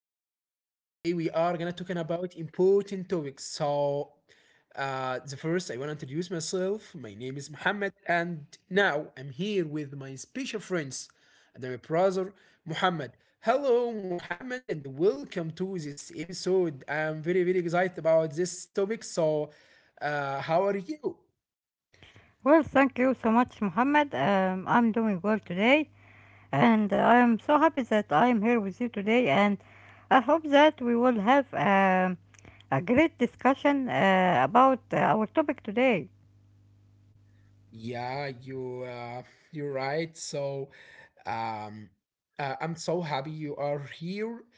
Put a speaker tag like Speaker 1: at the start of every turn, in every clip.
Speaker 1: episode. Today we are gonna talking about important topics. So the first I wanna introduce myself. My name is Muhammad and now I'm here with my special friends and my brother Muhammad. Hello Muhammad and welcome to this episode. I'm very very excited about this topic. So how are you?
Speaker 2: Well, thank you so much, Mohammed. I'm doing well today, and I'm so happy that I'm here with you today. And I hope that we will have a great discussion about our topic today.
Speaker 1: Yeah, you're right. So, um, I'm so happy you are here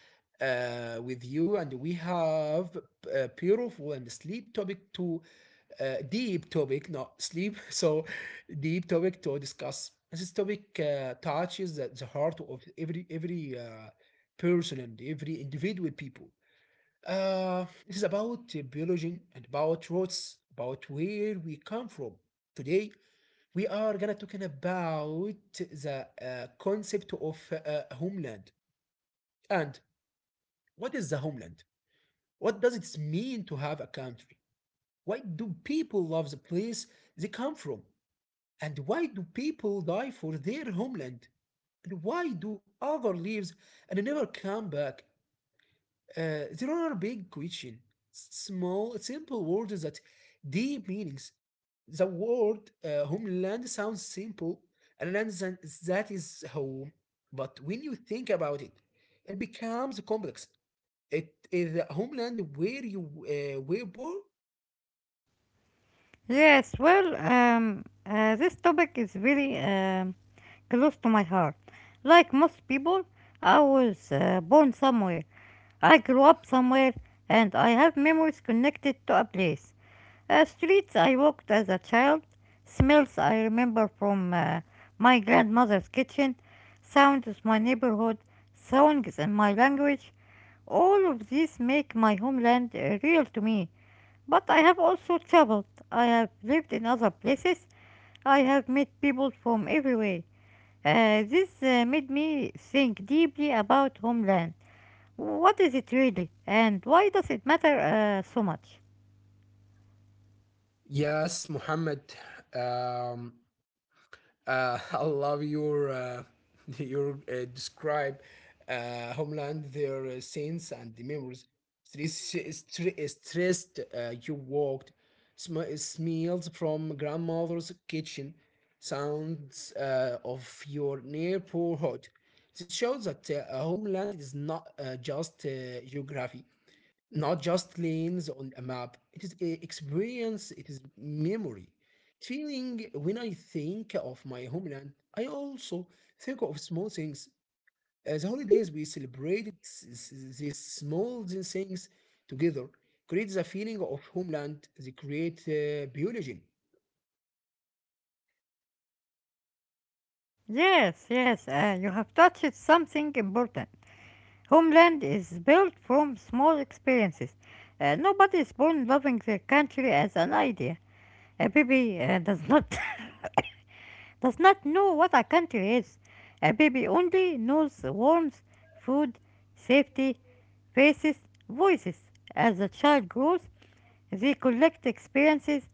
Speaker 1: with you, and we have a beautiful and sleep topic to deep topic, not sleep. So, deep topic to discuss. This topic touches the heart of every person and every individual people. This is about biology and about roots, about where we come from. Today, we are gonna talking about the concept of homeland and what is the homeland? What does it mean to have a country? Why do people love the place they come from? And why do people die for their homeland? And why do other leaves and never come back? There are big questions, small, simple words that deep meanings. The word homeland sounds simple, and land that is home. But when you think about it, it becomes complex. It is the homeland where you were born.
Speaker 2: Yes, well, this topic is really close to my heart. Like most people, I was born somewhere. I grew up somewhere, and I have memories connected to a place. Streets I walked as a child, smells I remember from my grandmother's kitchen, sounds of my neighborhood, songs in my language. All of these make my homeland real to me. But I have also traveled. I have lived in other places. I have met people from everywhere. This made me think deeply about homeland. What is it really, and why does it matter so much?
Speaker 1: Yes, Muhammad. Um, I love your your describe homeland their scenes and the memories. Stress, stressed, you walked, smells from grandmother's kitchen, sounds of your neighborhood. This shows that a homeland is not just geography, not just lanes on a map. It is a experience, it is memory. Feeling when I think of my homeland, I also think of small things. As holidays, we celebrated these small things together, creates a feeling of homeland, they create biology.
Speaker 2: Yes, yes, you have touched something important. Homeland is built from small experiences. Nobody is born loving their country as an idea. A baby does not does not know what a country is. A baby only knows warmth, food, safety, faces, voices. As the child grows, they collect experiences.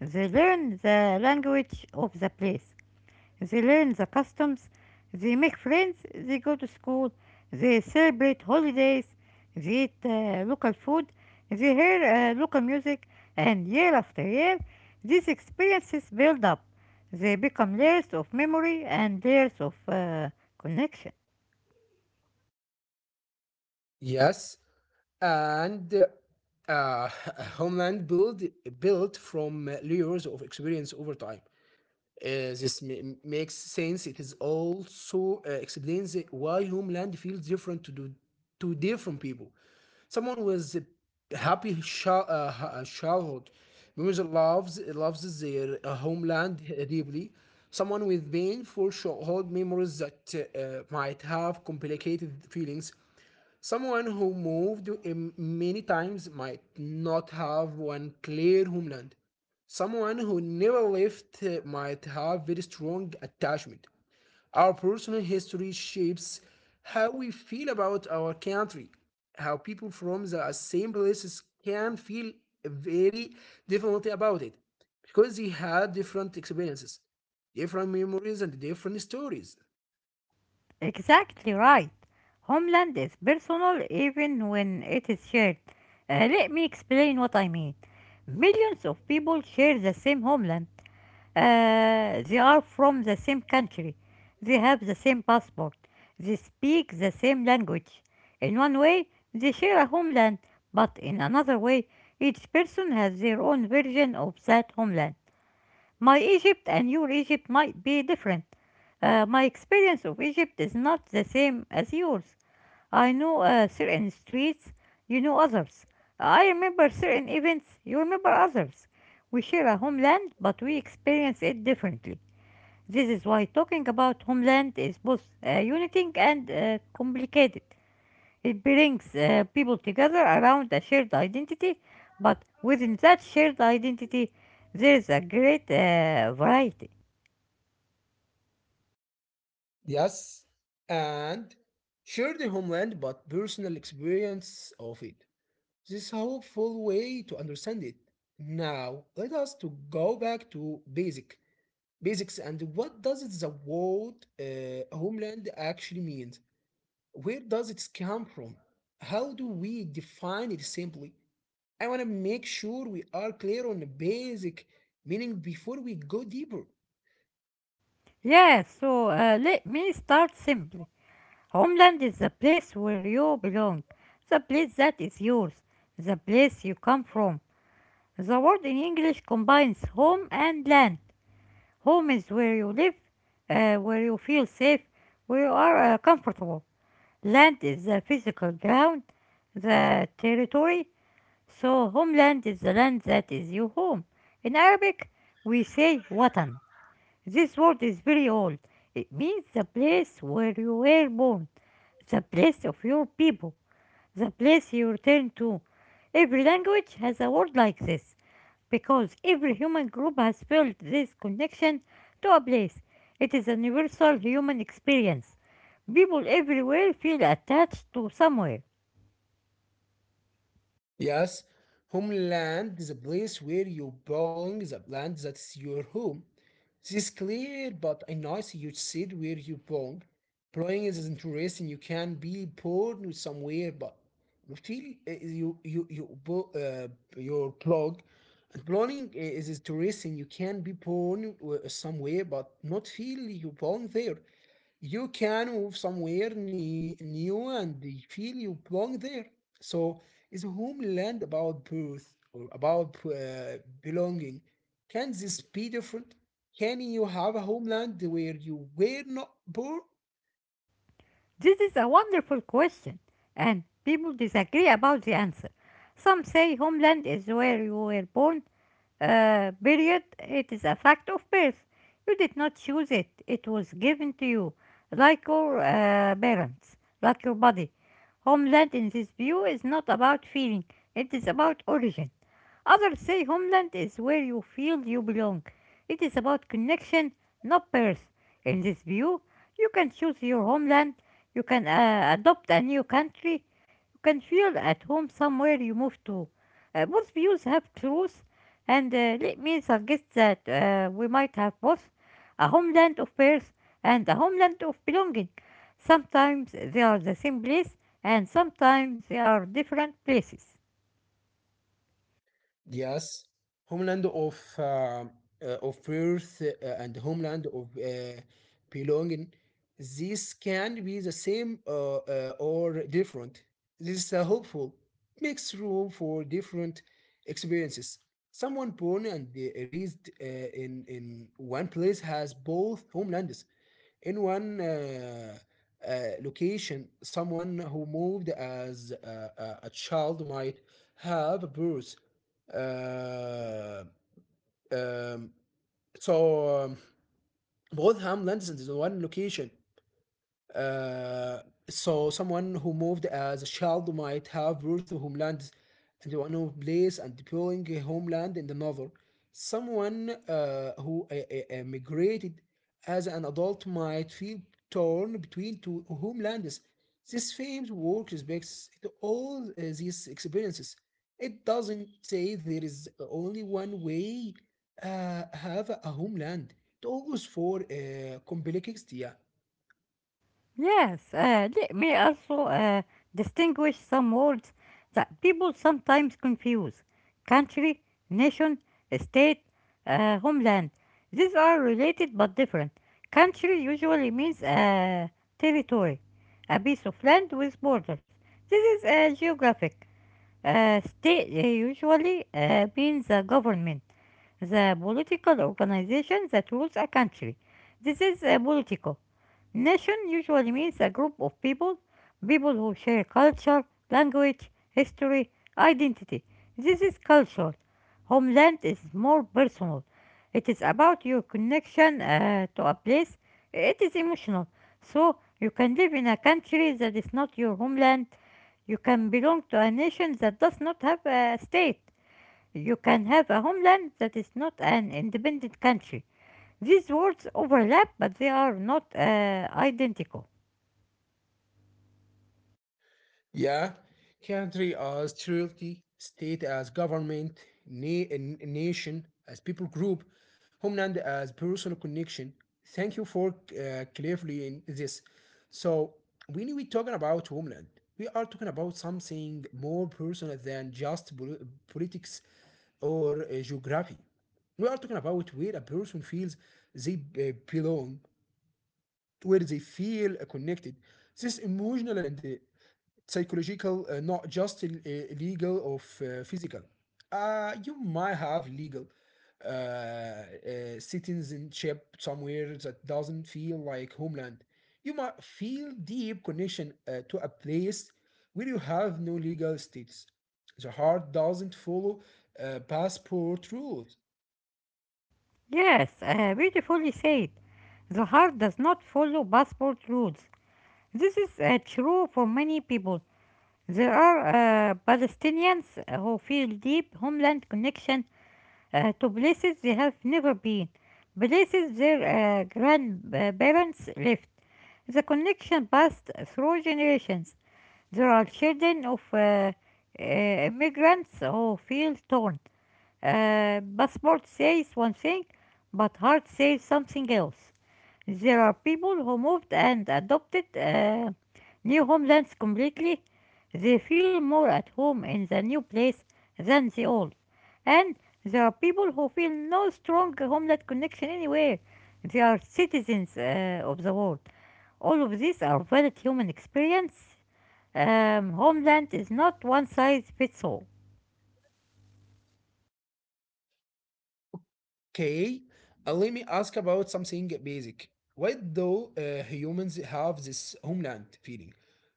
Speaker 2: They learn the language of the place. They learn the customs, they make friends, they go to school, they celebrate holidays, they eat local food, they hear local music, and year after year, these experiences build up. They become layers of memory and layers of connection.
Speaker 1: Yes, and uh, homeland build built from layers of experience over time. This makes sense. It is also explains why homeland feels different to different people. Someone with a happy childhood memories loves their homeland deeply. Someone with painful childhood memories that might have complicated feelings. Someone who moved many times might not have one clear homeland. Someone who never left might have very strong attachment. Our personal history shapes how we feel about our country. How people from the same places can feel very differently about it, because they had different experiences, different memories, and different stories.
Speaker 2: Exactly right. Homeland is personal even when it is shared. Let me explain what I mean. Millions of people share the same homeland. They are from the same country. They have the same passport. They speak the same language. In one way, they share a homeland, but in another way, each person has their own version of that homeland. My Egypt and your Egypt might be different. My experience of Egypt is not the same as yours. I know certain streets, you know others. I remember certain events, you remember others. We share a homeland, but we experience it differently. This is why talking about homeland is both uniting and complicated. It brings people together around a shared identity, but within that shared identity, there is a great variety.
Speaker 1: Yes, and share the homeland but personal experience of it. This is a hopeful way to understand it. Now, let us to go back to basics, and what does the word homeland actually means? Where does it come from? How do we define it simply? I want to make sure we are clear on the basic meaning before we go deeper.
Speaker 2: Yes, so let me start simply. Homeland is the place where you belong, the place that is yours, the place you come from. The word in English combines home and land. Home is where you live, where you feel safe, where you are comfortable. Land is the physical ground, the territory. So, homeland is the land that is your home. In Arabic, we say watan. This word is very old. It means the place where you were born, the place of your people, the place you return to. Every language has a word like this because every human group has felt this connection to a place. It is a universal human experience. People everywhere feel attached to somewhere.
Speaker 1: Yes, homeland is a place where you're bowling the plant that's your home. This is clear, but I notice you said where you belong. Blowing is interesting. You can be born somewhere, but you feel your blog. And blowing is interesting. You can be born somewhere, but not feel you belong there. You can move somewhere new and they feel you belong there. So, is homeland about birth or about belonging? Can this be different? Can you have a homeland where you were not born?
Speaker 2: This is a wonderful question, and people disagree about the answer. Some say homeland is where you were born, period. It is a fact of birth. You did not choose it, it was given to you, like your parents, like your body. Homeland in this view is not about feeling, it is about origin. Others say homeland is where you feel you belong. It is about connection, not birth. In this view, you can choose your homeland, you can adopt a new country, you can feel at home somewhere you move to. Both views have truth, and let me suggest that we might have both a homeland of birth and a homeland of belonging. Sometimes they are the same place, and sometimes they are different places.
Speaker 1: Yes, homeland of birth, and homeland of belonging. These can be the same, or different. This is a hopeful makes room for different experiences. Someone born and raised in one place has both homelands in one uh, location. Someone who moved as a child might have a birth, uh, um, so um, both homelands in the one location, uh, so someone who moved as a child might have roots to homelands and one who place and deploying a homeland in the another. Someone who emigrated as an adult might feel torn between two homelands. This famed work respects all these experiences. It doesn't say there is only one way have a homeland. It always for complexity. Yeah.
Speaker 2: Yes, let me also distinguish some words that people sometimes confuse country, nation, state, homeland. These are related but different. Country usually means territory, a piece of land with borders. This is geographic. State usually means the government, the political organization that rules a country. This is political. Nation usually means a group of people, people who share culture, language, history, identity. This is culture. Homeland is more personal. It is about your connection to a place. It is emotional. So you can live in a country that is not your homeland you can belong to a nation that does not have a state. You can have a homeland that is not an independent country. These words overlap, but they are not identical.
Speaker 1: Yeah, country as territory, state as government, nation as people group, homeland as personal connection. Thank you for clarifying this. So when we talking about homeland, we are talking about something more personal than just politics or geography. We are talking about where a person feels they belong, where they feel connected. This emotional and psychological, not just legal or physical. You might have legal uh, uh, citizenship somewhere that doesn't feel like homeland. You might feel deep connection to a place where you have no legal status. The heart doesn't follow passport rules.
Speaker 2: Yes, beautifully said. The heart does not follow passport rules. This is true for many people. There are Palestinians who feel deep homeland connection to places they have never been, places their grandparents left. The connection passed through generations. There are children of immigrants who feel torn. Passport says one thing, but heart says something else. There are people who moved and adopted new homelands completely. They feel more at home in the new place than the old. And there are people who feel no strong homeland connection anywhere. They are citizens of the world. All of these are valid human experience. Homeland is not one size fits all.
Speaker 1: Okay, let me ask about something basic. Why do humans have this homeland feeling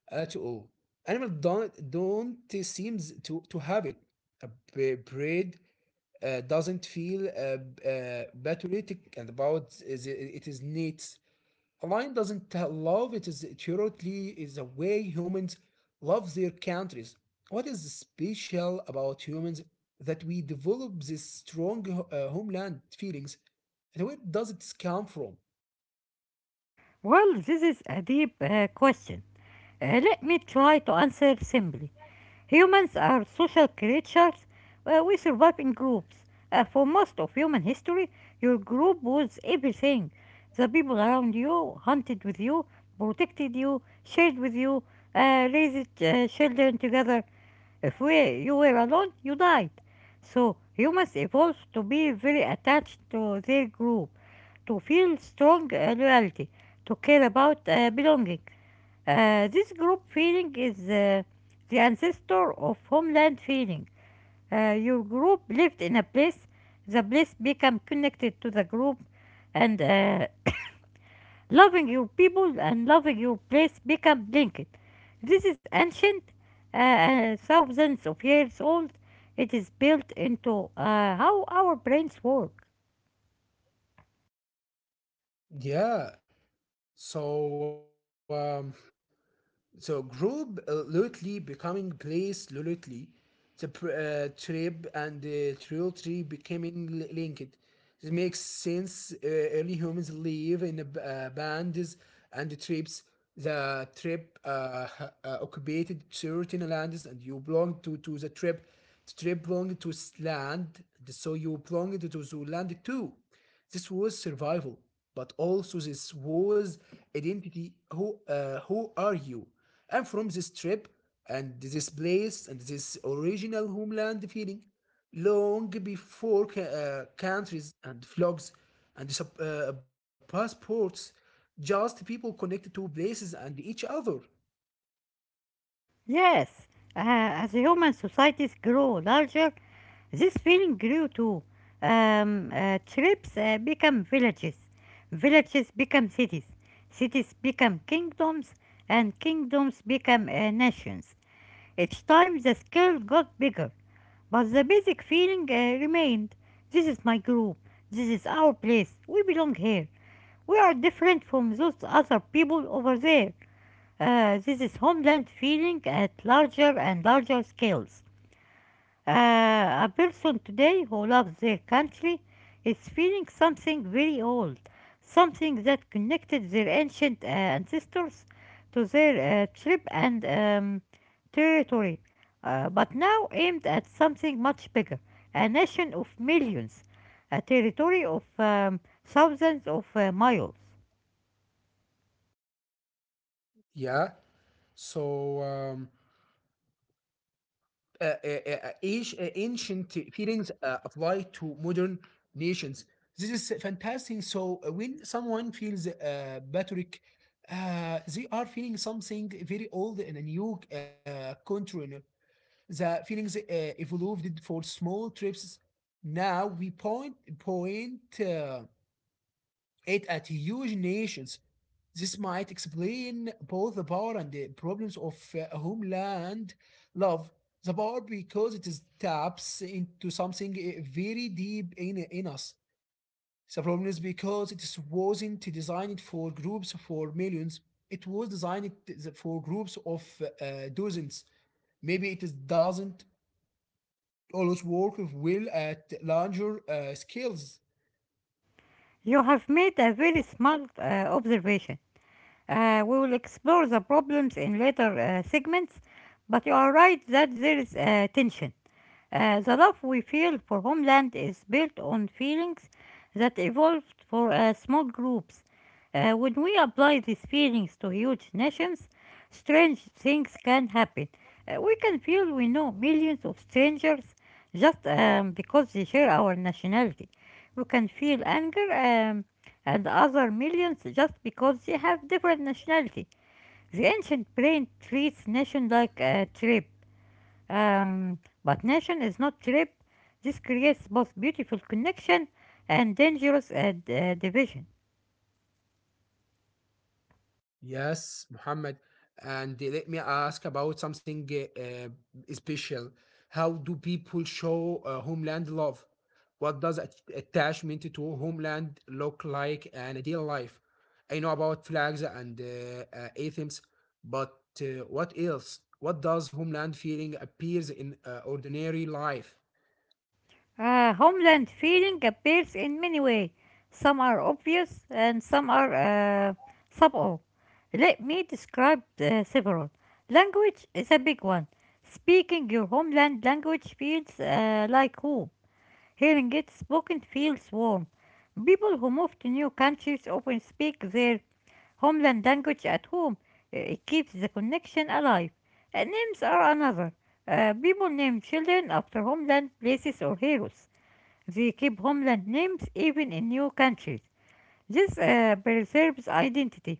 Speaker 1: at all? Animals don't seem to have it. A bird doesn't feel patriotic and about it is neat. Line doesn't love, it is theoretically is the way humans love their countries. What is special about humans that we develop this strong homeland feelings? And where does it come from?
Speaker 2: Well, this is a deep question. Let me try to answer simply. Humans are social creatures. We survive in groups. For most of human history, your group was everything. The people around you hunted with you, protected you, shared with you, raised children together. If we, you were alone, you died. So humans evolved to be very attached to their group, to feel strong loyalty, to care about belonging. This group feeling is the ancestor of homeland feeling. Your group lived in a place, the place became connected to the group, and loving your people and loving your place become linked. This is ancient, thousands of years old. It is built into how our brains work.
Speaker 1: Yeah. So um, So, group lately becoming place lately, the trip and the trail tree becoming linked. This makes sense. Early humans live in a bands and the trips. The trip occupied certain lands, and you belong to the trip. The trip belonged to land, so you belonged to the land too. This was survival, but also this was identity. Who are you? And from this trip and this place and this original homeland feeling. Long before countries and flags and passports, just people connected to places and each other.
Speaker 2: Yes, as human societies grow larger, this feeling grew too. Tribes become villages, villages become cities, cities become kingdoms, and kingdoms become nations. Each time the scale got bigger, but the basic feeling remained this is my group, this is our place, we belong here. We are different from those other people over there. This is homeland feeling at larger and larger scales. A person today who loves their country is feeling something very old, something that connected their ancient ancestors to their trip and territory, but now aimed at something much bigger a nation of millions, a territory of thousands of miles.
Speaker 1: Yeah. So uh, uh, uh, ancient feelings apply to modern nations. This is fantastic. So, when someone feels Patrick, they are feeling something very old in a new container. The feelings evolved for small trips. Now we point it at huge nations. This might explain both the power and the problems of homeland love. The power because it is taps into something very deep in us. The problem is because it is wasn't designed for groups for millions. It was designed for groups of dozens. Maybe it is doesn't always work well at larger scales.
Speaker 2: You have made a very smart observation. We will explore the problems in later segments, but you are right that there is tension. The love we feel for homeland is built on feelings that evolved for small groups. When we apply these feelings to huge nations, strange things can happen. We can feel we know millions of strangers just because they share our nationality. We can feel anger and other millions just because they have different nationality. The ancient brain treats nation like a tribe, um, but nation is not tribe. This creates both beautiful connection and dangerous division.
Speaker 1: Yes, Muhammad. And let me ask about something uh, uh, special. How do people show homeland love? What does attachment to homeland look like in a daily life? I know about flags and anthems, but what else? What does homeland feeling appears in ordinary life?
Speaker 2: Homeland feeling appears in many ways. Some are obvious and some are subtle. Let me describe several. Language is a big one. Speaking your homeland language feels like home. Hearing it spoken feels warm. People who move to new countries often speak their homeland language at home. It keeps the connection alive. Names are another. People name children after homeland places or heroes. They keep homeland names even in new countries. This preserves identity.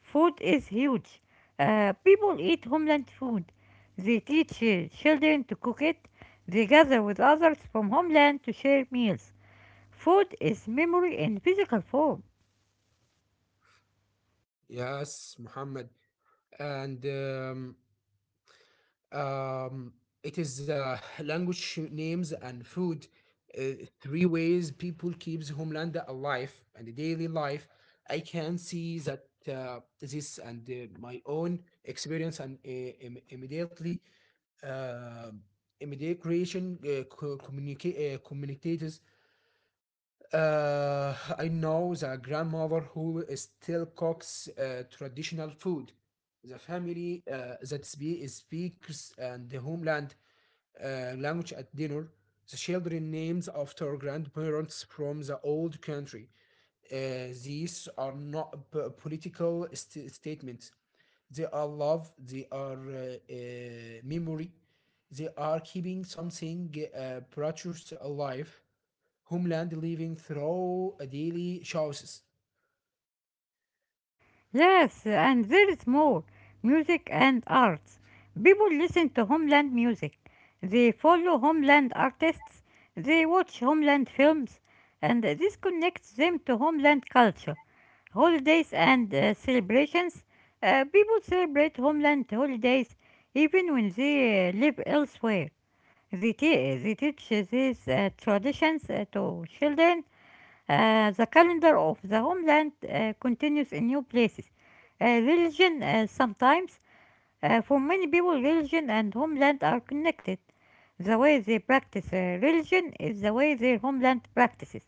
Speaker 2: Food is huge. People eat homeland food. They teach children to cook it. They gather with others from homeland to share meals. Food is memory in physical form.
Speaker 1: Yes, Muhammad. And Um, it is language names and food. Three ways people keeps homeland alive and daily life. I can see that this and my own experience and uh, immediate creation communicators, uh, I know the grandmother who still cooks traditional food. The family that speaks and the homeland language at dinner. The children names after grandparents from the old country. These are not political statements. They are love. They are memory. They are keeping something precious alive, homeland living through daily choices.
Speaker 2: Yes, and there is more music and arts. People listen to homeland music, they follow homeland artists, they watch homeland films, and this connects them to homeland culture. Holidays and celebrations. People celebrate homeland holidays even when they live elsewhere. They they teach these traditions to children the calendar of the homeland continues in new places. Religion sometimes. For many people, religion and homeland are connected. The way they practice religion is the way their homeland practices.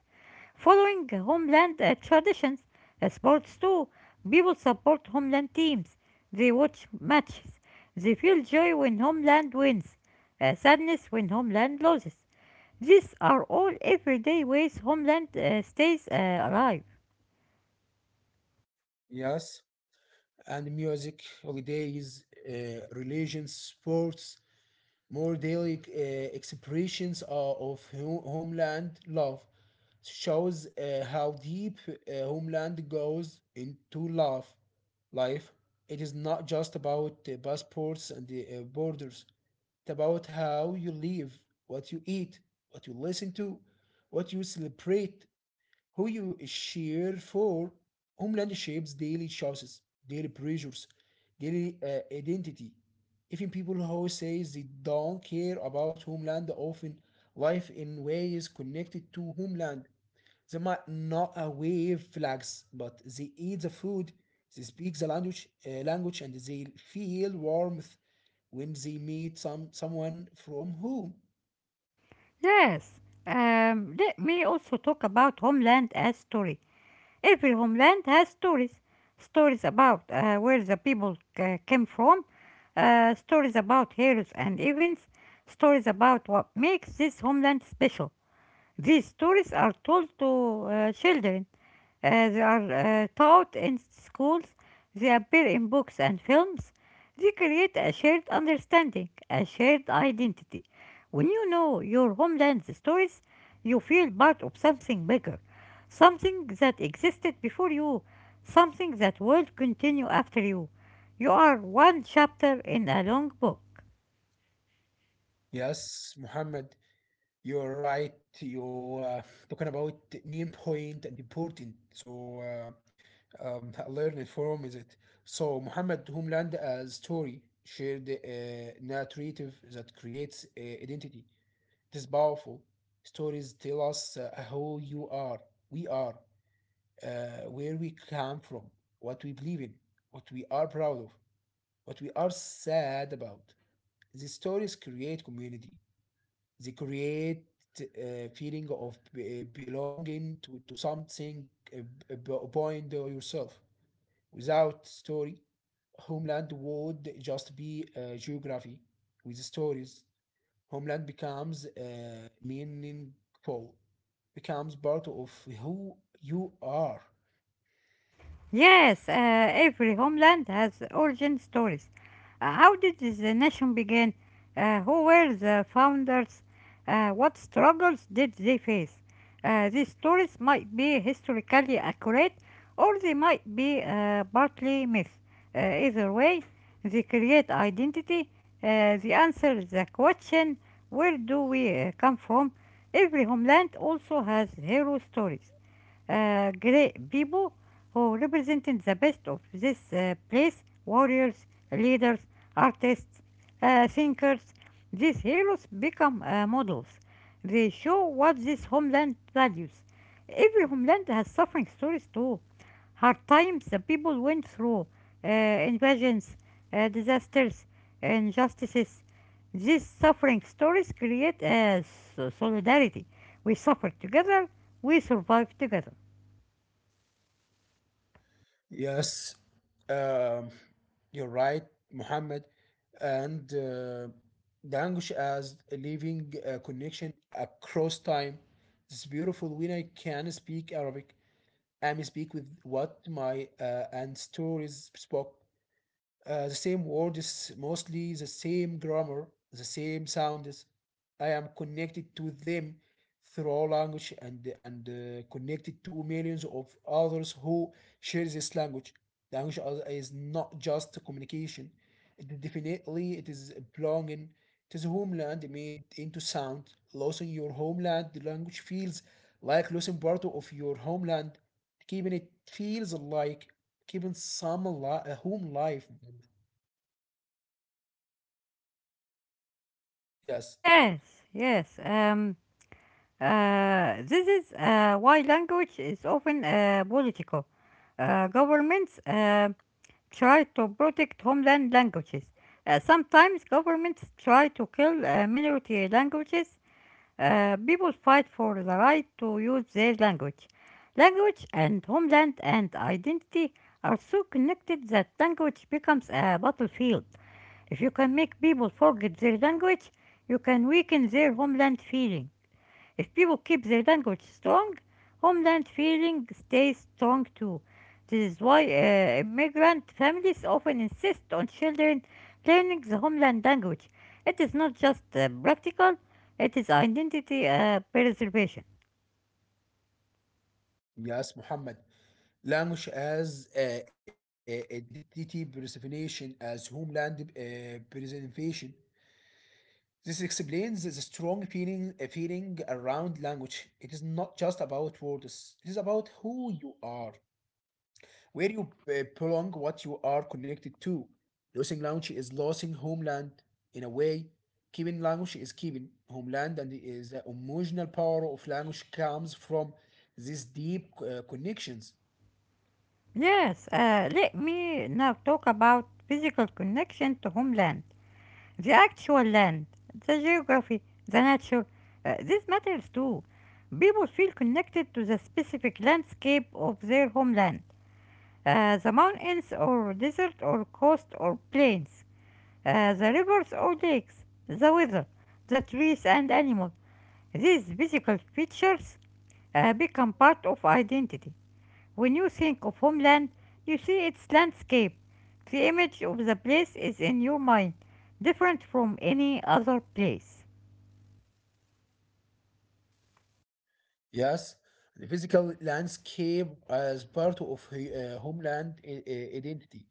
Speaker 2: Following homeland traditions, sports too, people support homeland teams. They watch matches. They feel joy when homeland wins, sadness when homeland loses. These are all everyday ways Homeland stays alive.
Speaker 1: Yes, and music, holidays, religions, sports, more daily expressions of homeland love shows how deep homeland goes into love life. It is not just about passports and the borders. It's about how you live, what you eat, what you listen to, what you celebrate, who you cheer for. Homeland shapes daily choices, daily pressures, daily identity. Even people who say they don't care about homeland often live in ways connected to homeland. They might not wave flags, but they eat the food, they speak the language, and they feel warmth when they meet someone from whom.
Speaker 2: Yes, let me also talk about Homeland as story. Every homeland has stories. Stories about where the people came from, stories about heroes and events, stories about what makes this homeland special. These stories are told to children. They are taught in schools. They appear in books and films. They create a shared understanding, a shared identity. When you know your homeland's stories, you feel part of something bigger, something that existed before you, something that will continue after you. You are one chapter in a long book.
Speaker 1: Yes, Muhammad. You're right. You talking about the main point and important. So, learn it from is it. So Muhammad homeland story, shared a narrative that creates identity. It is powerful. Stories tell us who you are, we are, where we come from, what we believe in, what we are proud of, what we are sad about. The stories create community. They create a feeling of belonging to something, uh, beyond yourself. Without story, homeland would just be geography. With stories, homeland becomes meaningful, becomes part of who you are.
Speaker 2: Yes, every homeland has origin stories. How did the nation begin? Who were the founders? What struggles did they face? These stories might be historically accurate or they might be partly myth. Either way, they create identity. They answer the question, where do we come from? Every homeland also has hero stories, great people who represented the best of this place: warriors, leaders, artists, thinkers. These heroes become models. They show what this homeland values. Every homeland has suffering stories too. Hard times the people went through, invasions, disasters, injustices. These suffering stories create solidarity. We suffer together, we survive together.
Speaker 1: Yes, um, you're right, Muhammad. And language as a living connection across time. It's beautiful when I can speak Arabic. I may speak with what my and stories spoke. The same words, mostly the same grammar, the same sounds. I am connected to them through language and connected to millions of others who share this language. Language is not just communication. It definitely it is belonging to the homeland made into sound. Losing your homeland language feels like losing part of your homeland. Keeping it feels like keeping some a home life. Yes,
Speaker 2: Yes, yes. This is why language is often political. Governments try to protect homeland languages. Sometimes governments try to kill minority languages. People fight for the right to use their language. Language and homeland and identity are so connected that language becomes a battlefield. If you can make people forget their language, you can weaken their homeland feeling. If people keep their language strong, homeland feeling stays strong too. This is why immigrant families often insist on children learning the homeland language. It is not just practical, it is identity preservation.
Speaker 1: yes, Muhammad. Language as an identity personification, as homeland preservation. This explains the strong feeling around language. It is not just about words. It is about who you are, where you belong, what you are connected to. Losing language is losing homeland in a way. Keeping language is keeping homeland, and is the emotional power of language comes from these deep connections.
Speaker 2: Yes, let me now talk about physical connection to homeland. The actual land, the geography, the nature, this matters too. People feel connected to the specific landscape of their homeland. The mountains or desert or coast or plains, the rivers or lakes, the weather, the trees and animals. These physical features become part of identity. When you think of homeland, you see its landscape. The image of the place is in your mind, different from any other place.
Speaker 1: Yes, the physical landscape as part of homeland identity.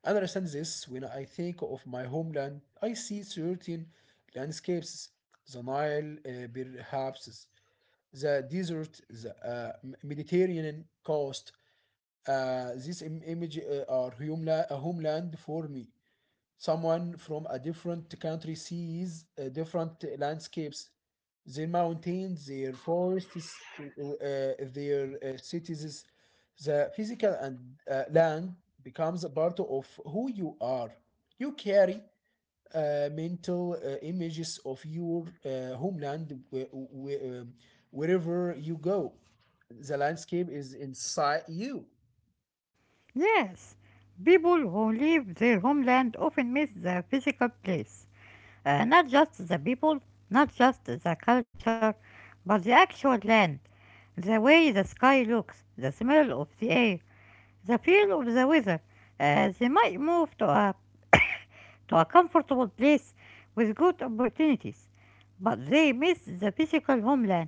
Speaker 1: I understand this when I think of my homeland. I see certain landscapes, the Nile, perhaps the desert, the Mediterranean coast. Image are homeland, a homeland for me. Someone from a different country sees different landscapes, their mountains, their forests, their cities. The physical and land becomes a part of who you are. You carry mental images of your homeland wherever you go. The landscape is inside you.
Speaker 2: Yes, people who leave their homeland often miss the physical place. Not just the people, not just the culture, but the actual land. The way the sky looks, the smell of the air, the feel of the weather. They might move to a, to a comfortable place with good opportunities, but they miss the physical homeland.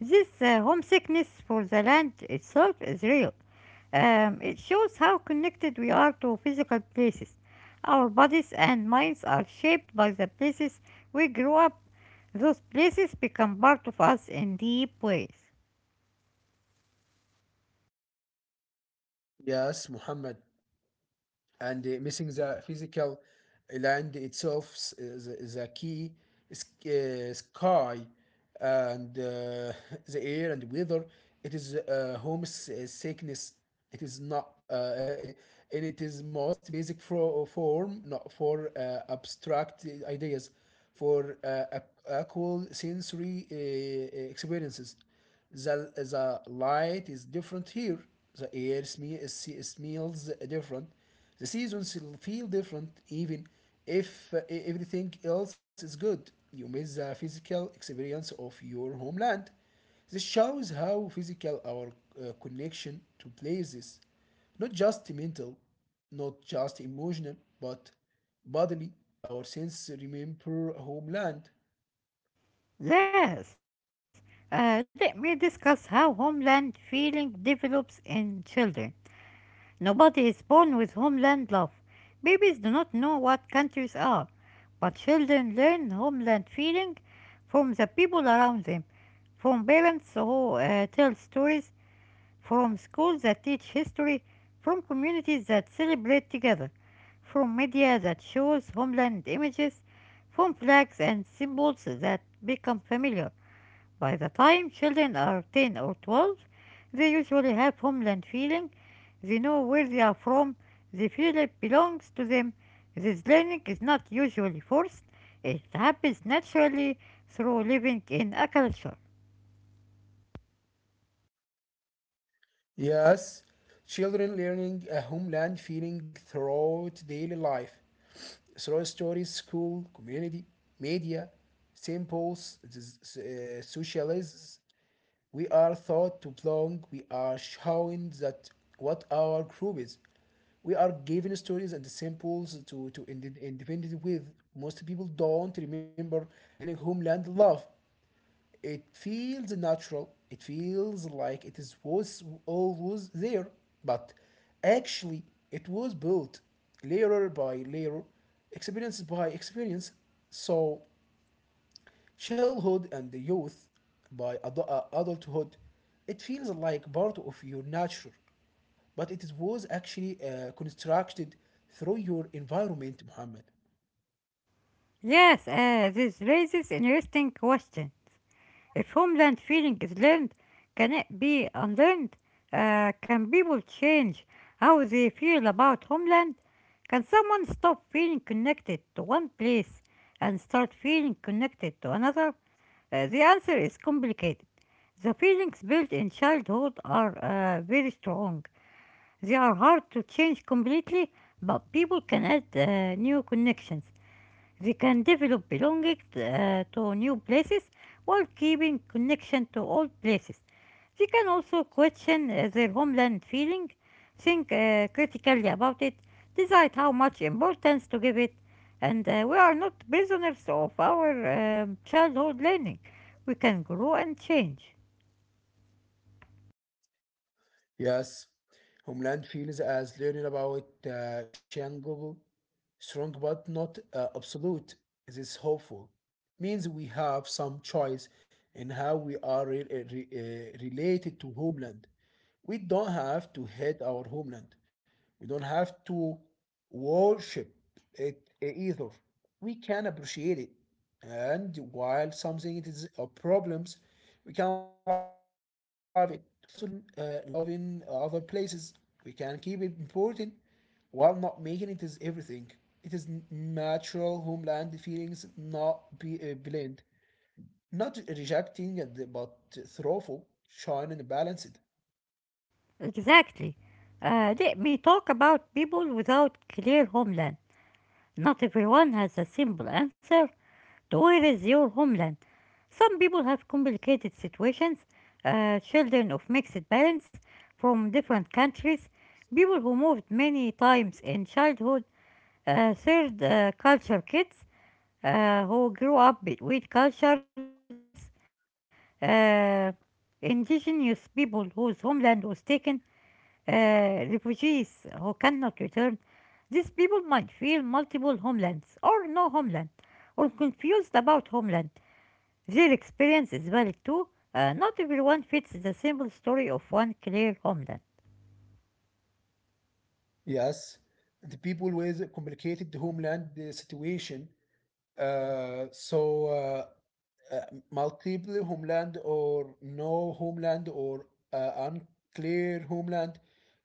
Speaker 2: This homesickness for the land itself is real. It shows how connected we are to physical places. Our bodies and minds are shaped by the places we grew up. Those places become part of us in deep ways.
Speaker 1: Yes, Muhammad. And missing the physical land itself, the key, sky and the air and weather. It is homesickness. It is not, it, I- and it is most basic form, not for abstract ideas, for actual sensory experiences. The light is different here. The air smells different. The seasons feel different even if everything else is good. You miss the physical experience of your homeland. This shows how physical our connection to places, not just mental, not just emotional, but bodily, our sense remember homeland.
Speaker 2: Yes, let me discuss how homeland feeling develops in children. Nobody is born with homeland love. Babies do not know what countries are, but children learn homeland feeling from the people around them, from parents who tell stories, from schools that teach history, from communities that celebrate together, from media that shows homeland images, from flags and symbols that become familiar. By the time children are 10 or 12, they usually have homeland feeling. They know where they are from. They feel it belongs to them. This learning is not usually forced. It happens naturally through living in a culture.
Speaker 1: Yes, children learning a homeland feeling throughout daily life, through stories, school, community, media, samples, socialists. We are thought to belong. We are showing that what our group is. We are giving stories and samples to independent with. Most people don't remember learning homeland love. It feels natural. It feels like it is was always there, but actually it was built layer by layer, experience by experience. So childhood and the youth by adulthood, it feels like part of your nature but it is- was actually constructed through your environment, Muhammad.
Speaker 2: Yes, this raises interesting questions. If homeland feeling is learned, can it be unlearned? Can people change how they feel about homeland? Can someone stop feeling connected to one place and start feeling connected to another? The answer is complicated. The feelings built in childhood are very strong. They are hard to change completely, but people can add new connections. They can develop belonging to new places while keeping connection to old places. They can also question their homeland feeling, think critically about it, decide how much importance to give it, and we are not prisoners of our childhood learning. We can grow and change.
Speaker 1: Yes, homeland feels as learning about Shangul, strong but not absolute. This hopeful means we have some choice in how we are related to homeland. We don't have to hate our homeland. We don't have to worship it, either. We can appreciate it, and while something it is a problems, we can love it. While also living love in other places, we can keep it important while not making it is everything. It is natural homeland feelings not be blend, not rejecting but thoughtful, shine and balanced.
Speaker 2: Exactly. Let me talk about people without clear homeland. Not everyone has a simple answer to where is your homeland. Some people have complicated situations, children of mixed parents from different countries, people who moved many times in childhood, third culture kids who grew up between cultures, uh, indigenous people whose homeland was taken, refugees who cannot return. These people might feel multiple homelands or no homeland or confused about homeland. Their experience is valid too. Not everyone fits the simple story of one clear homeland.
Speaker 1: Yes, the people with complicated homeland situation, uh, so uh, uh, multiple homeland or no homeland or unclear homeland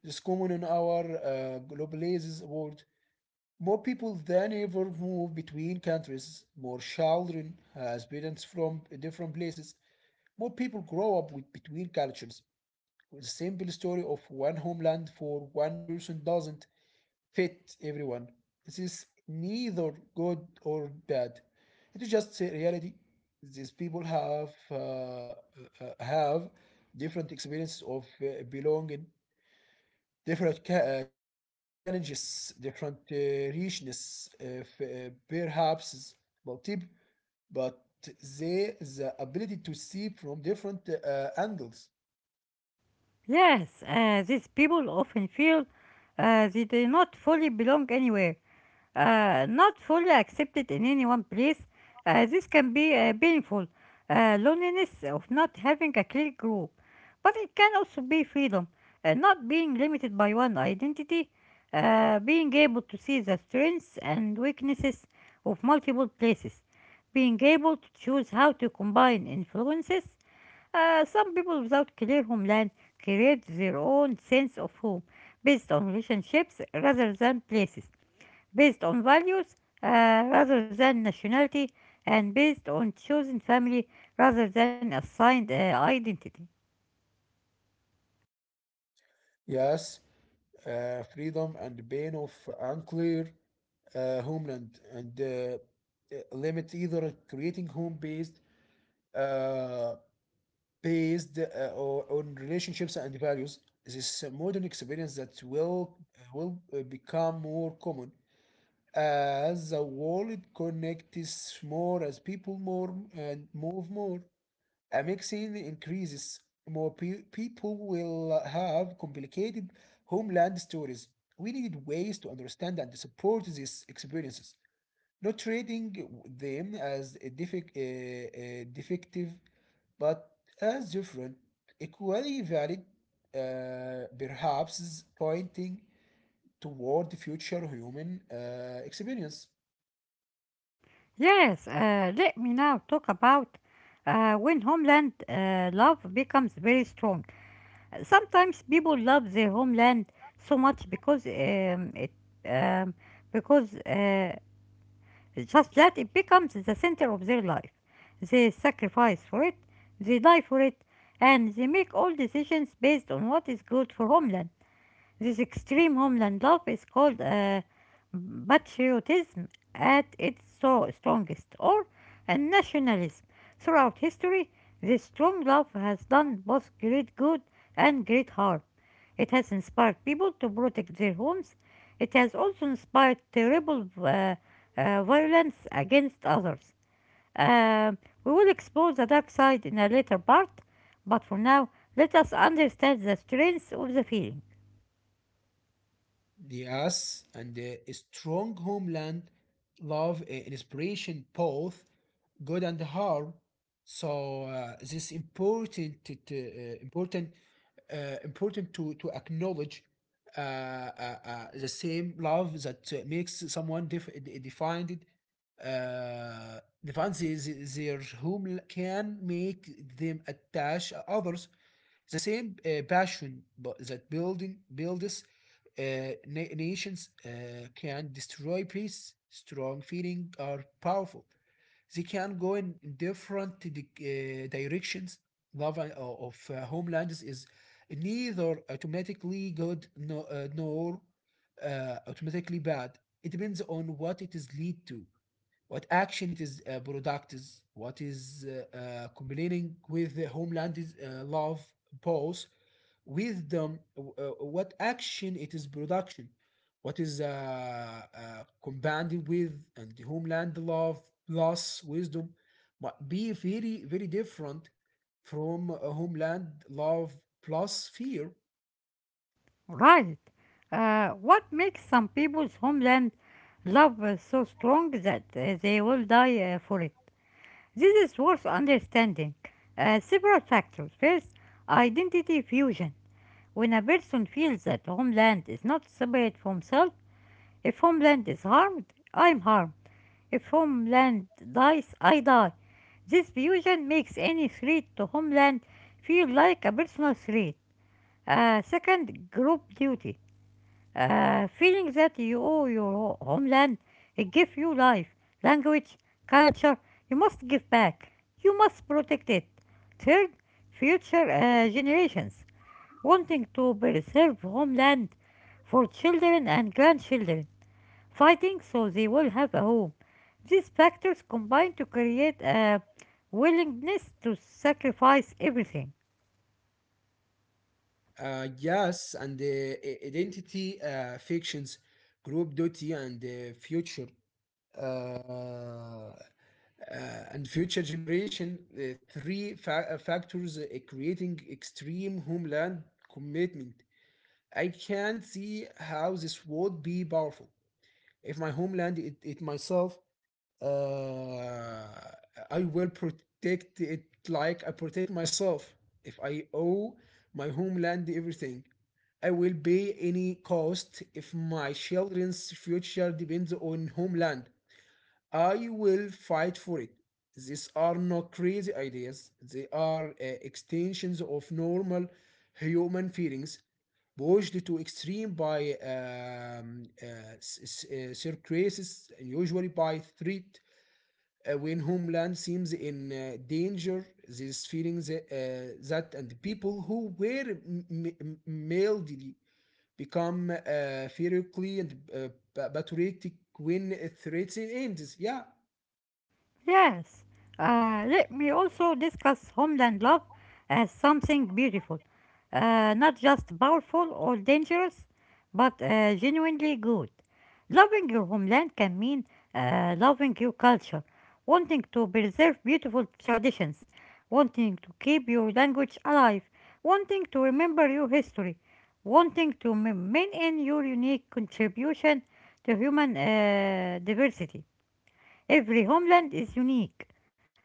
Speaker 1: is common in our globalized world. More people than ever move between countries. More children has parents from different places. More people grow up with between cultures. The simple story of one homeland for one person doesn't fit everyone. This is neither good or bad. It is just a reality. These people have different experiences of belonging, different challenges, different richness, perhaps multiple, but they the ability to see from different angles.
Speaker 2: Yes, these people often feel they do not fully belong anywhere, not fully accepted in any one place. This can be painful, loneliness of not having a clear group, but it can also be freedom, not being limited by one identity, being able to see the strengths and weaknesses of multiple places, being able to choose how to combine influences. Uh, some people without clear homeland create their own sense of home based on relationships rather than places, based on values uh, rather than nationality, and based on chosen family rather than assigned identity.
Speaker 1: Yes, freedom and pain of unclear homeland and limit either creating home uh, based on relationships and values. This modern experience that will become more common as the world connects more, as people more and move more, a mixing increases. More people will have complicated homeland stories. We need ways to understand and support these experiences, not treating them as a defective, but as different, equally valid, perhaps pointing toward the future human experience.
Speaker 2: Yes, let me now talk about when homeland love becomes very strong. Sometimes people love their homeland so much because it um, because it's just that it becomes the center of their life. They sacrifice for it, they die for it, and they make all decisions based on what is good for homeland. This extreme homeland love is called patriotism at its so strongest, or a nationalism. Throughout history, this strong love has done both great good and great harm. It has inspired people to protect their homes. It has also inspired terrible violence against others. Um, we will explore the dark side in a later part, but for now, let us understand the strength of the feeling.
Speaker 1: Yes, and a strong homeland, love, inspiration, both good and hard. This important, uh, important to acknowledge, the same love that makes someone def- de- defined uh, defines their home, can make them attach others. The same passion bu- that building builds uh, nations can destroy peace. Strong feelings are powerful. They can go in different directions. Love of homelands is neither automatically good, nor automatically bad. It depends on what it is lead to, what action it is product, is what is complaining with the homeland is love pause wisdom, what action it is production, what is uh, compounding with and the homeland love loss wisdom might be very very different from a homeland love plus fear.
Speaker 2: Right. What makes some people's homeland love so strong that they will die for it? This is worth understanding. Several factors. First, identity fusion. When a person feels that homeland is not separate from self, if homeland is harmed, I'm harmed. If homeland dies, I die. This fusion makes any threat to homeland feel like a personal threat. Second, group duty. Feeling that you owe your homeland: it gives you life, language, culture. You must give back. You must protect it. Third, future generations, wanting to preserve homeland for children and grandchildren, fighting so they will have a home. These factors combine to create a willingness to sacrifice everything.
Speaker 1: Yes, and identity fictions, group duty, and future, uh, uh, and future generation. The three factors creating extreme homeland commitment. I can see how this would be powerful if my homeland it myself, uh, I will protect it like I protect myself. If I owe my homeland everything, I will pay any cost if my children's future depends on homeland. I will fight for it. These are not crazy ideas, they are extensions of normal human feelings, pushed to extreme by circumstances, and usually by threat. When homeland seems in danger, these feelings that and people who were mildly become ferociously and patriotic when a threat ends. Yeah,
Speaker 2: Yes, let me also discuss homeland love as something beautiful, not just powerful or dangerous, but genuinely good. Loving your homeland can mean loving your culture, wanting to preserve beautiful traditions, wanting to keep your language alive, wanting to remember your history, wanting to maintain your unique contribution to human diversity. Every homeland is unique.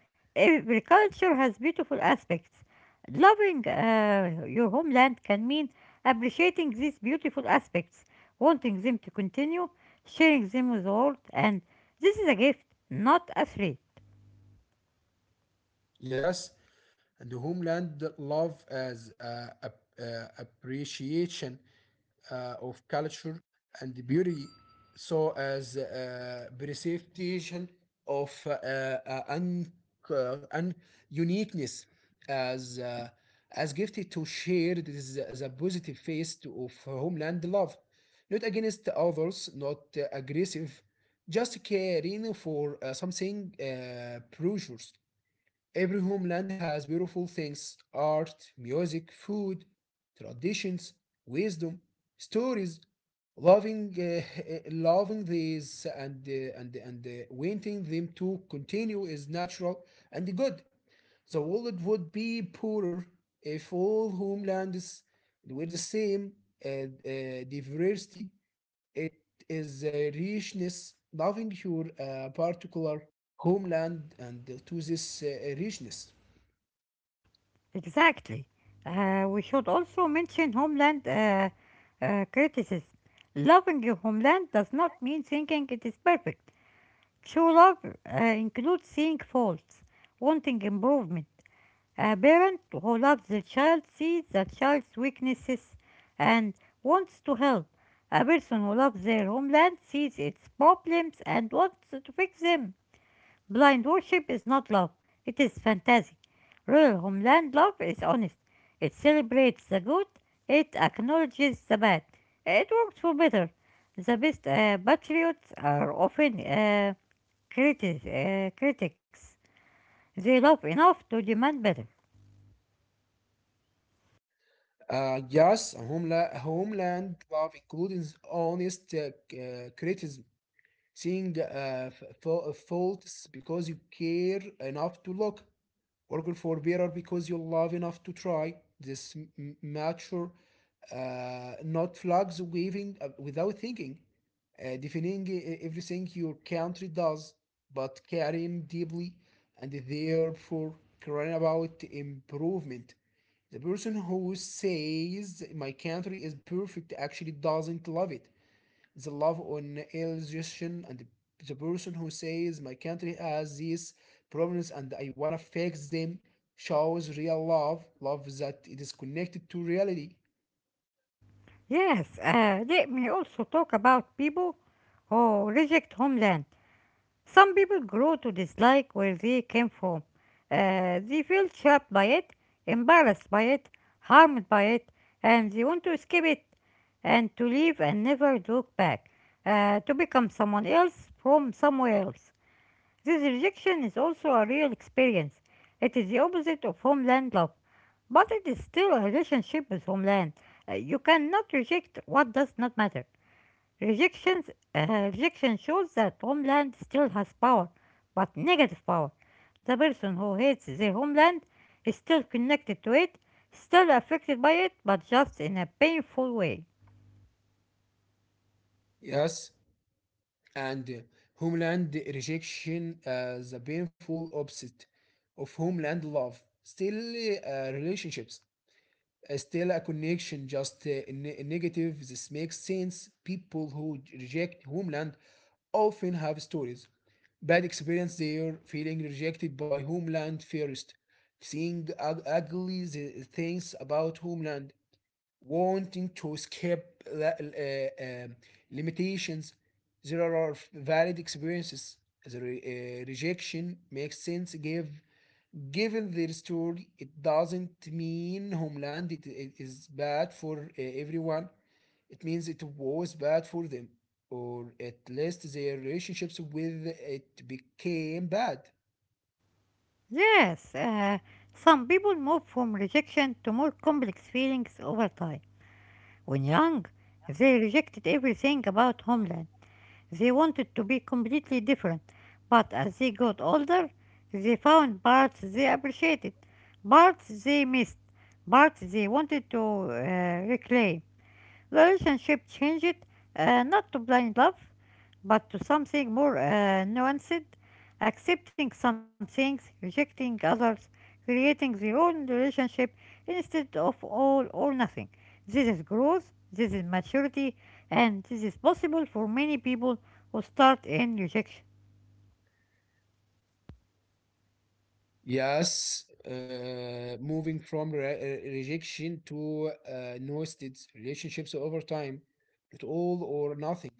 Speaker 2: Every culture has beautiful aspects. Loving your homeland can mean appreciating these beautiful aspects, wanting them to continue, sharing them with the world, and this is a gift, not a threat.
Speaker 1: yes, and the homeland love as appreciation of culture and beauty, so as preservation of uh, un- uniqueness, as uh, as gifted to share this as a positive face of homeland love, not against others, not aggressive, just caring for something precious. Every homeland has beautiful things, art, music, food, traditions, wisdom, stories. Loving these and, and wanting them to continue is natural and good. The world would be poorer if all homelands were the same. Diversity it is a richness, loving your particular homeland and to this richness.
Speaker 2: Exactly. We should also mention homeland criticism. Loving your homeland does not mean thinking it is perfect. True love includes seeing faults, wanting improvement. A parent who loves their child sees the child's weaknesses and wants to help. A person who loves their homeland sees its problems and wants to fix them. Blind worship is not love, it is fantasy. Real homeland love is honest. It celebrates the good, it acknowledges the bad. It works for better. The best patriots are often critics. They love enough to demand better.
Speaker 1: Yes, a homeland love includes honest criticism, seeing faults because you care enough to look, working for better because you love enough to try. This mature, not flags waving without thinking, defining everything your country does, but caring deeply and therefore caring about improvement. The person who says my country is perfect actually doesn't love it. The love on illustration. And the person who says my country has these problems and I wanna fix them shows real love, love that it is connected to reality.
Speaker 2: Yes, let me also talk about people who reject homeland. Some people grow to dislike where they came from. They feel trapped by it, embarrassed by it, harmed by it, and they want to escape it and to leave and never look back, to become someone else from somewhere else. This rejection is also a real experience. It is the opposite of homeland love, but it is still a relationship with homeland. You cannot reject what does not matter. Rejections, rejection shows that homeland still has power, but negative power. The person who hates their homeland is still connected to it, still affected by it, but just in a painful way.
Speaker 1: Yes, and homeland rejection as a painful opposite of homeland love. Still, relationships, still a connection, just negative. This makes sense. People who reject homeland often have stories, bad experience there, feeling rejected by homeland first, seeing ugly things about homeland, wanting to escape la- uh, um, limitations. There are valid experiences. The rejection makes sense. Given their story, it doesn't mean Homeland it is bad for everyone. It means it was bad for them, or at least their relationships with it became bad.
Speaker 2: Yes, some people move from rejection to more complex feelings over time. When young, they rejected everything about homeland. They wanted to be completely different, but as they got older, they found parts they appreciated, parts they missed, parts they wanted to reclaim. The relationship changed, not to blind love, but to something more nuanced, accepting some things, rejecting others, creating their own relationship instead of all or nothing. This is growth, this is maturity, and this is possible for many people who start in rejection.
Speaker 1: Yes, moving from rejection to no relationships over time, it all or nothing.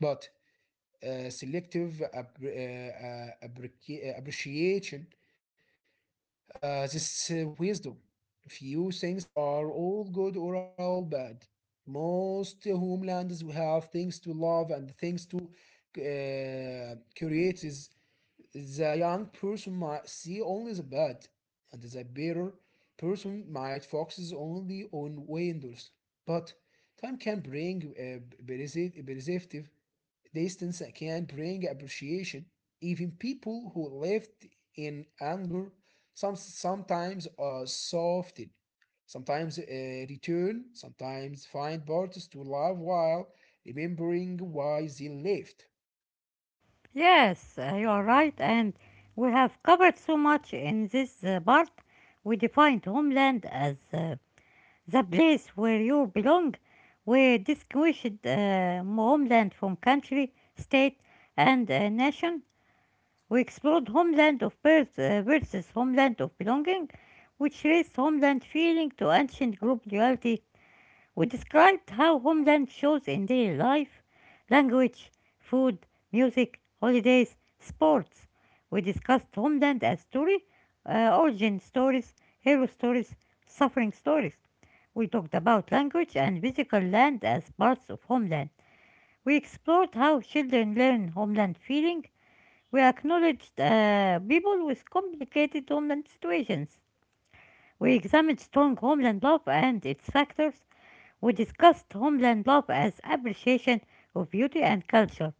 Speaker 1: But selective appreciation, this wisdom. Few things are all good or all bad. Most homelands have things to love and things to create. The young person might see only the bad, and the bitter person might focus only on windows. But time can bring a perceptive distance, can bring appreciation. Even people who lived in anger sometimes are softened, sometimes return, sometimes find parts to love while remembering why they lived.
Speaker 2: Yes, you are right, and we have covered so much in this part. We defined homeland as the place where you belong. We distinguished homeland from country, state, and nation. We explored homeland of birth versus homeland of belonging, which raised homeland feeling to ancient group reality. We described how homeland shows in daily life, language, food, music, holidays, sports. We discussed homeland as story, origin stories, hero stories, suffering stories. We talked about language and physical land as parts of homeland. We explored how children learn homeland feeling. We acknowledged people with complicated homeland situations. We examined strong homeland love and its factors. We discussed homeland love as appreciation of beauty and culture.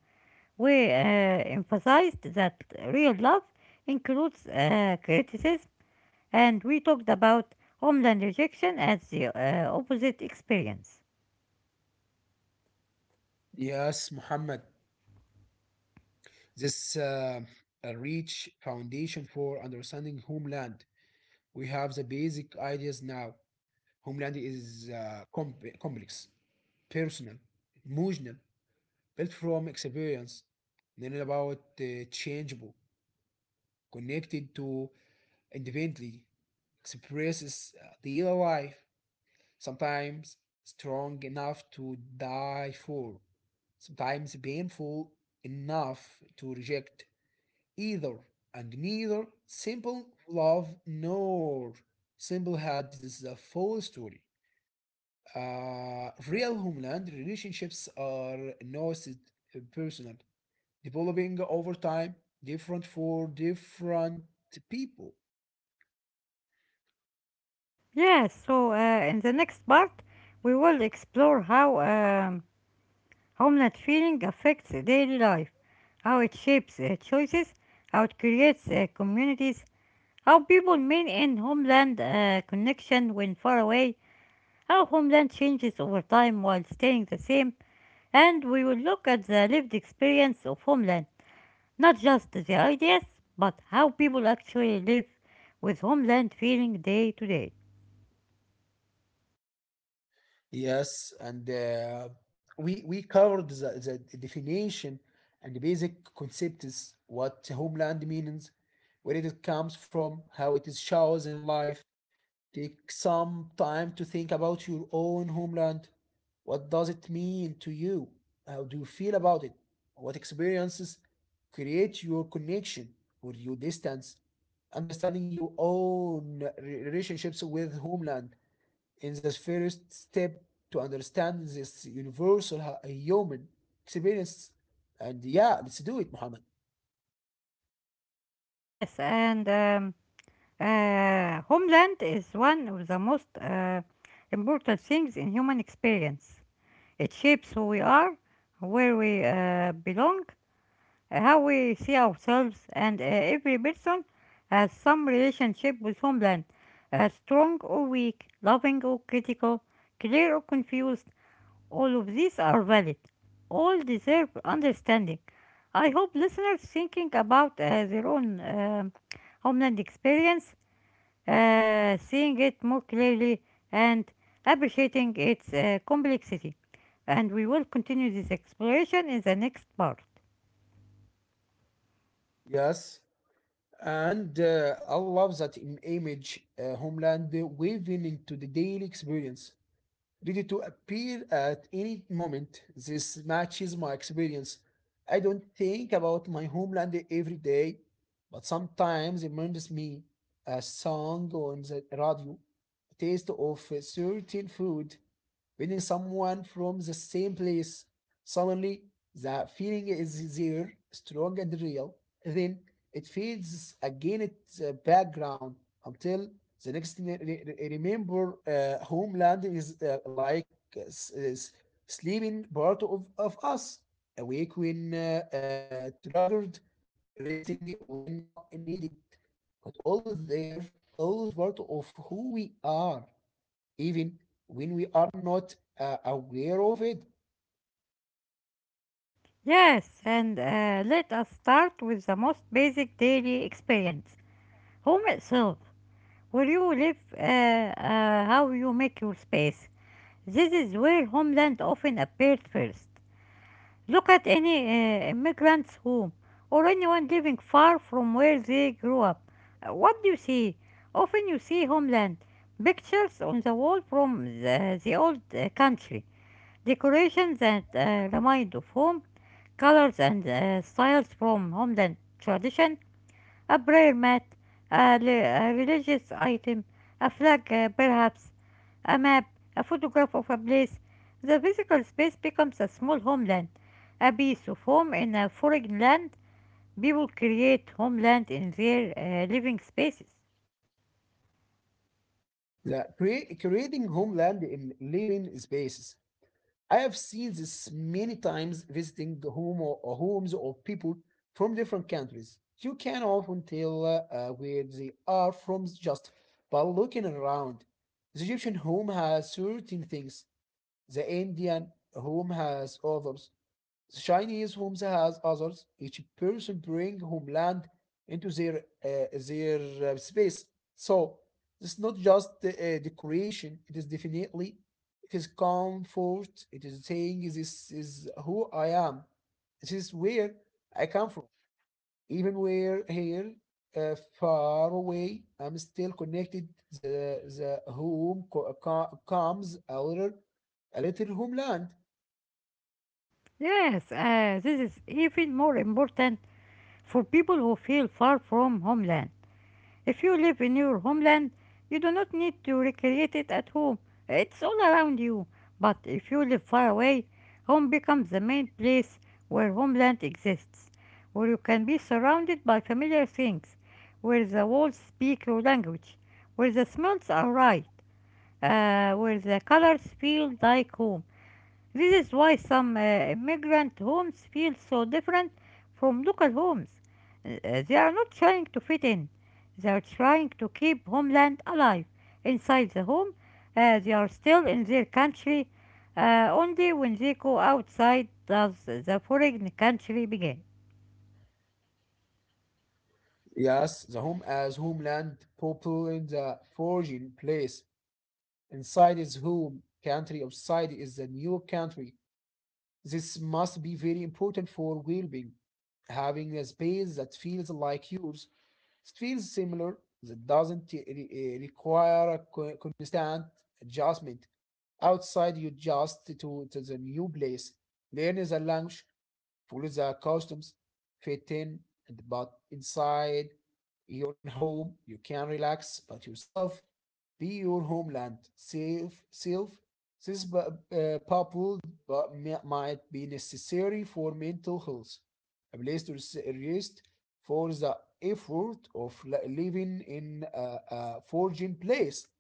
Speaker 2: We emphasized that real love includes criticism, and we talked about homeland rejection as the opposite experience.
Speaker 1: Yes, Muhammad. This a rich foundation for understanding homeland. We have the basic ideas now. Homeland is complex, personal, emotional, built from experience, then about changeable, connected to individually, expresses daily life, sometimes strong enough to die for, sometimes painful enough to reject, either and neither simple love nor simple hate. This is a full story. Real homeland relationships are nuanced, personal, developing over time, different for different people.
Speaker 2: Yes, so in the next part, we will explore how homeland feeling affects daily life, how it shapes choices, how it creates communities, how people mean in homeland connection when far away, how homeland changes over time while staying the same, and we will look at the lived experience of homeland, not just the ideas, but how people actually live with homeland feeling day to day.
Speaker 1: Yes, and we covered the definition and the basic concepts: what homeland means, where it comes from, how it is shows in life. Take some time to think about your own homeland. What does it mean to you? How do you feel about it? What experiences create your connection or your distance? Understanding your own relationships with homeland is the first step to understand this universal human experience. And yeah, let's do it, Muhammad.
Speaker 2: Yes, and homeland is one of the most important things in human experience. It shapes who we are, where we belong, how we see ourselves, and every person has some relationship with homeland, strong or weak, loving or critical, clear or confused. All of these are valid. All deserve understanding. I hope listeners thinking about their own homeland experience, seeing it more clearly, and appreciating its complexity. And we will continue this exploration in the next part.
Speaker 1: Yes. And I love that image, homeland waving into the daily experience, ready to appear at any moment. This matches my experience. I don't think about my homeland every day, but sometimes it reminds me: a song on the radio, taste of a certain food, when someone from the same place, suddenly the feeling is there, strong and real. Then it fades again, its background, until the next remember. Uh, homeland is like is sleeping part of us, awake when triggered, resting when not needed, but always there, always part of who we are, even when we are not aware of it.
Speaker 2: Yes, and let us start with the most basic daily experience, home itself, where you live, how you make your space. This is where homeland often appears first. Look at any immigrant's home or anyone living far from where they grew up. What do you see? Often you see homeland, pictures on the wall from the old country. Decorations that remind of home, colors and styles from homeland tradition, a prayer mat, a religious item, a flag perhaps, a map, a photograph of a place. The physical space becomes a small homeland, a piece of home in a foreign land. People create homeland in their living spaces.
Speaker 1: The creating homeland in living spaces. I have seen this many times visiting the home or homes of people from different countries. You can often tell where they are from just by looking around. The Egyptian home has certain things. The Indian home has others. Chinese homes as others. Each person bring homeland into their space. So it's not just decoration. It is definitely, it is comfort. It is saying this is who I am. This is where I come from. Even where here, far away, I'm still connected. The home comes a little, a little homeland.
Speaker 2: Yes, this is even more important for people who feel far from homeland. If you live in your homeland, you do not need to recreate it at home. It's all around you. But if you live far away, home becomes the main place where homeland exists, where you can be surrounded by familiar things, where the walls speak your language, where the smells are right, where the colors feel like home. This is why some immigrant homes feel so different from local homes. They are not trying to fit in, they are trying to keep homeland alive. Inside the home, they are still in their country. Only when they go outside does the foreign country begin.
Speaker 1: Yes, the home as homeland, people in the foreign place. Inside is home country, outside is the new country. This must be very important for well-being. Having a space that feels like yours, that feels similar, that doesn't require a constant adjustment. Outside, you adjust to the new place, learn the language, follow the customs, fit in, and but inside your home, you can relax but yourself, be your homeland, safe, self. This bubble but might be necessary for mental health, a place to rest for the effort of living in a foreign place.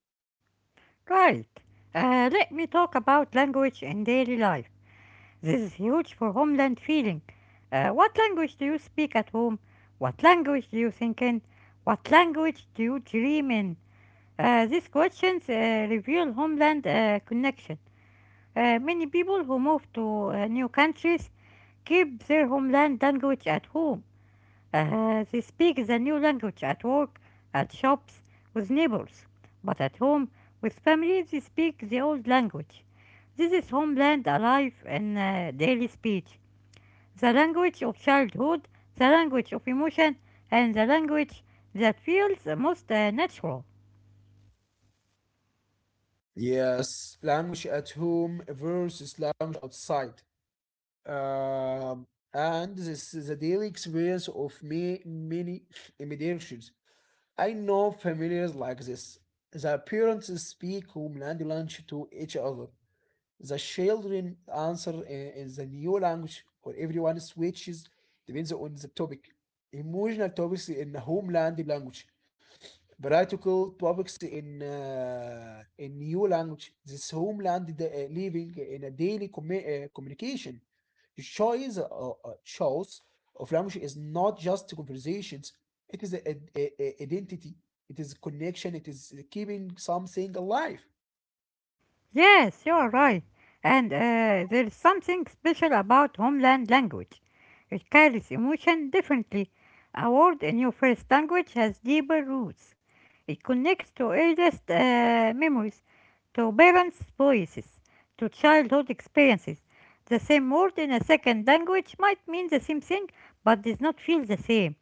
Speaker 2: Right, let me talk about language in daily life. This is huge for homeland feeling. What language do you speak at home? What language do you think in? What language do you dream in? These questions reveal homeland connection. Many people who move to new countries keep their homeland language at home. They speak the new language at work, at shops, with neighbors, but at home, with family, they speak the old language. This is homeland alive in daily speech, the language of childhood, the language of emotion, and the language that feels most natural.
Speaker 1: Yes, language at home versus language outside. Um, and this is the daily experience of me, many immigrants. I know families like this. The parents speak homeland language to each other. The children answer in the new language, or everyone switches depends on the topic. Emotional topics in the homeland language. Practical topics in new language. This homeland the, living in a daily communication. The choice of language is not just conversations. It is identity. It is connection. It is keeping something alive.
Speaker 2: Yes, you are right. And there is something special about homeland language. It carries emotion differently. A word in your first language has deeper roots. It connects to earliest memories, to parents' voices, to childhood experiences. The same word in a second language might mean the same thing but does not feel the same.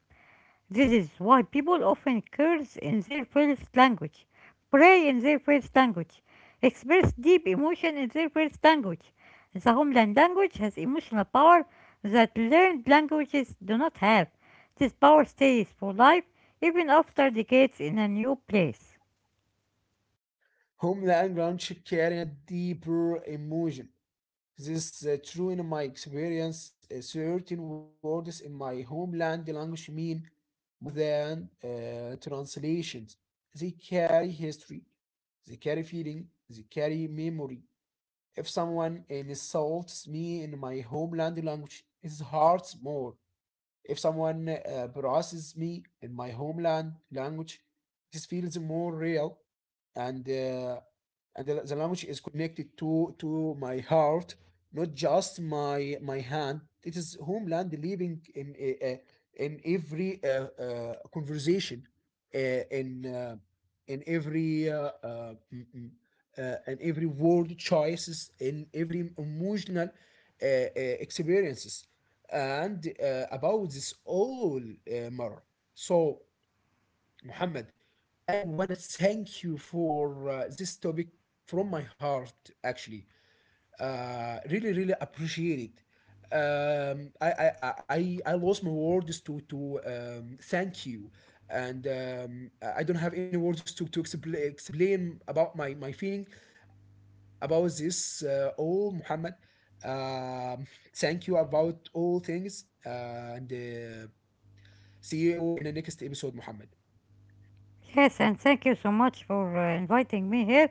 Speaker 2: This is why people often curse in their first language, pray in their first language, express deep emotion in their first language. The homeland language has emotional power that learned languages do not have. This power stays for life even after decades in a new place.
Speaker 1: Homeland language carrying a deeper emotion. This is true in my experience. Certain words in my homeland language mean more than translations. They carry history, they carry feeling, they carry memory. If someone insults me in my homeland language, it hurts more. If someone harasses me in my homeland language, this feels more real, and uh, and the language is connected to my heart, not just my hand. It is homeland living in every conversation, uh, in uh, in every in every word choices, in every emotional experiences, and about this all matter. So, Muhammad, I want to thank you for this topic from my heart, actually, really really appreciate it. I lost my words to thank you, and I don't have any words to explain about my feeling about this. All Muhammad, um, thank you about all things, and see you in the next episode, Muhammad.
Speaker 2: Yes, and thank you so much for inviting me here.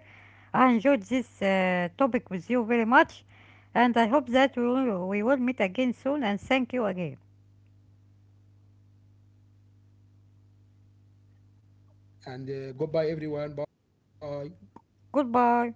Speaker 2: I enjoyed this topic with you very much, and I hope that we will meet again soon. And thank you again.
Speaker 1: And goodbye everyone. Bye.
Speaker 2: Goodbye.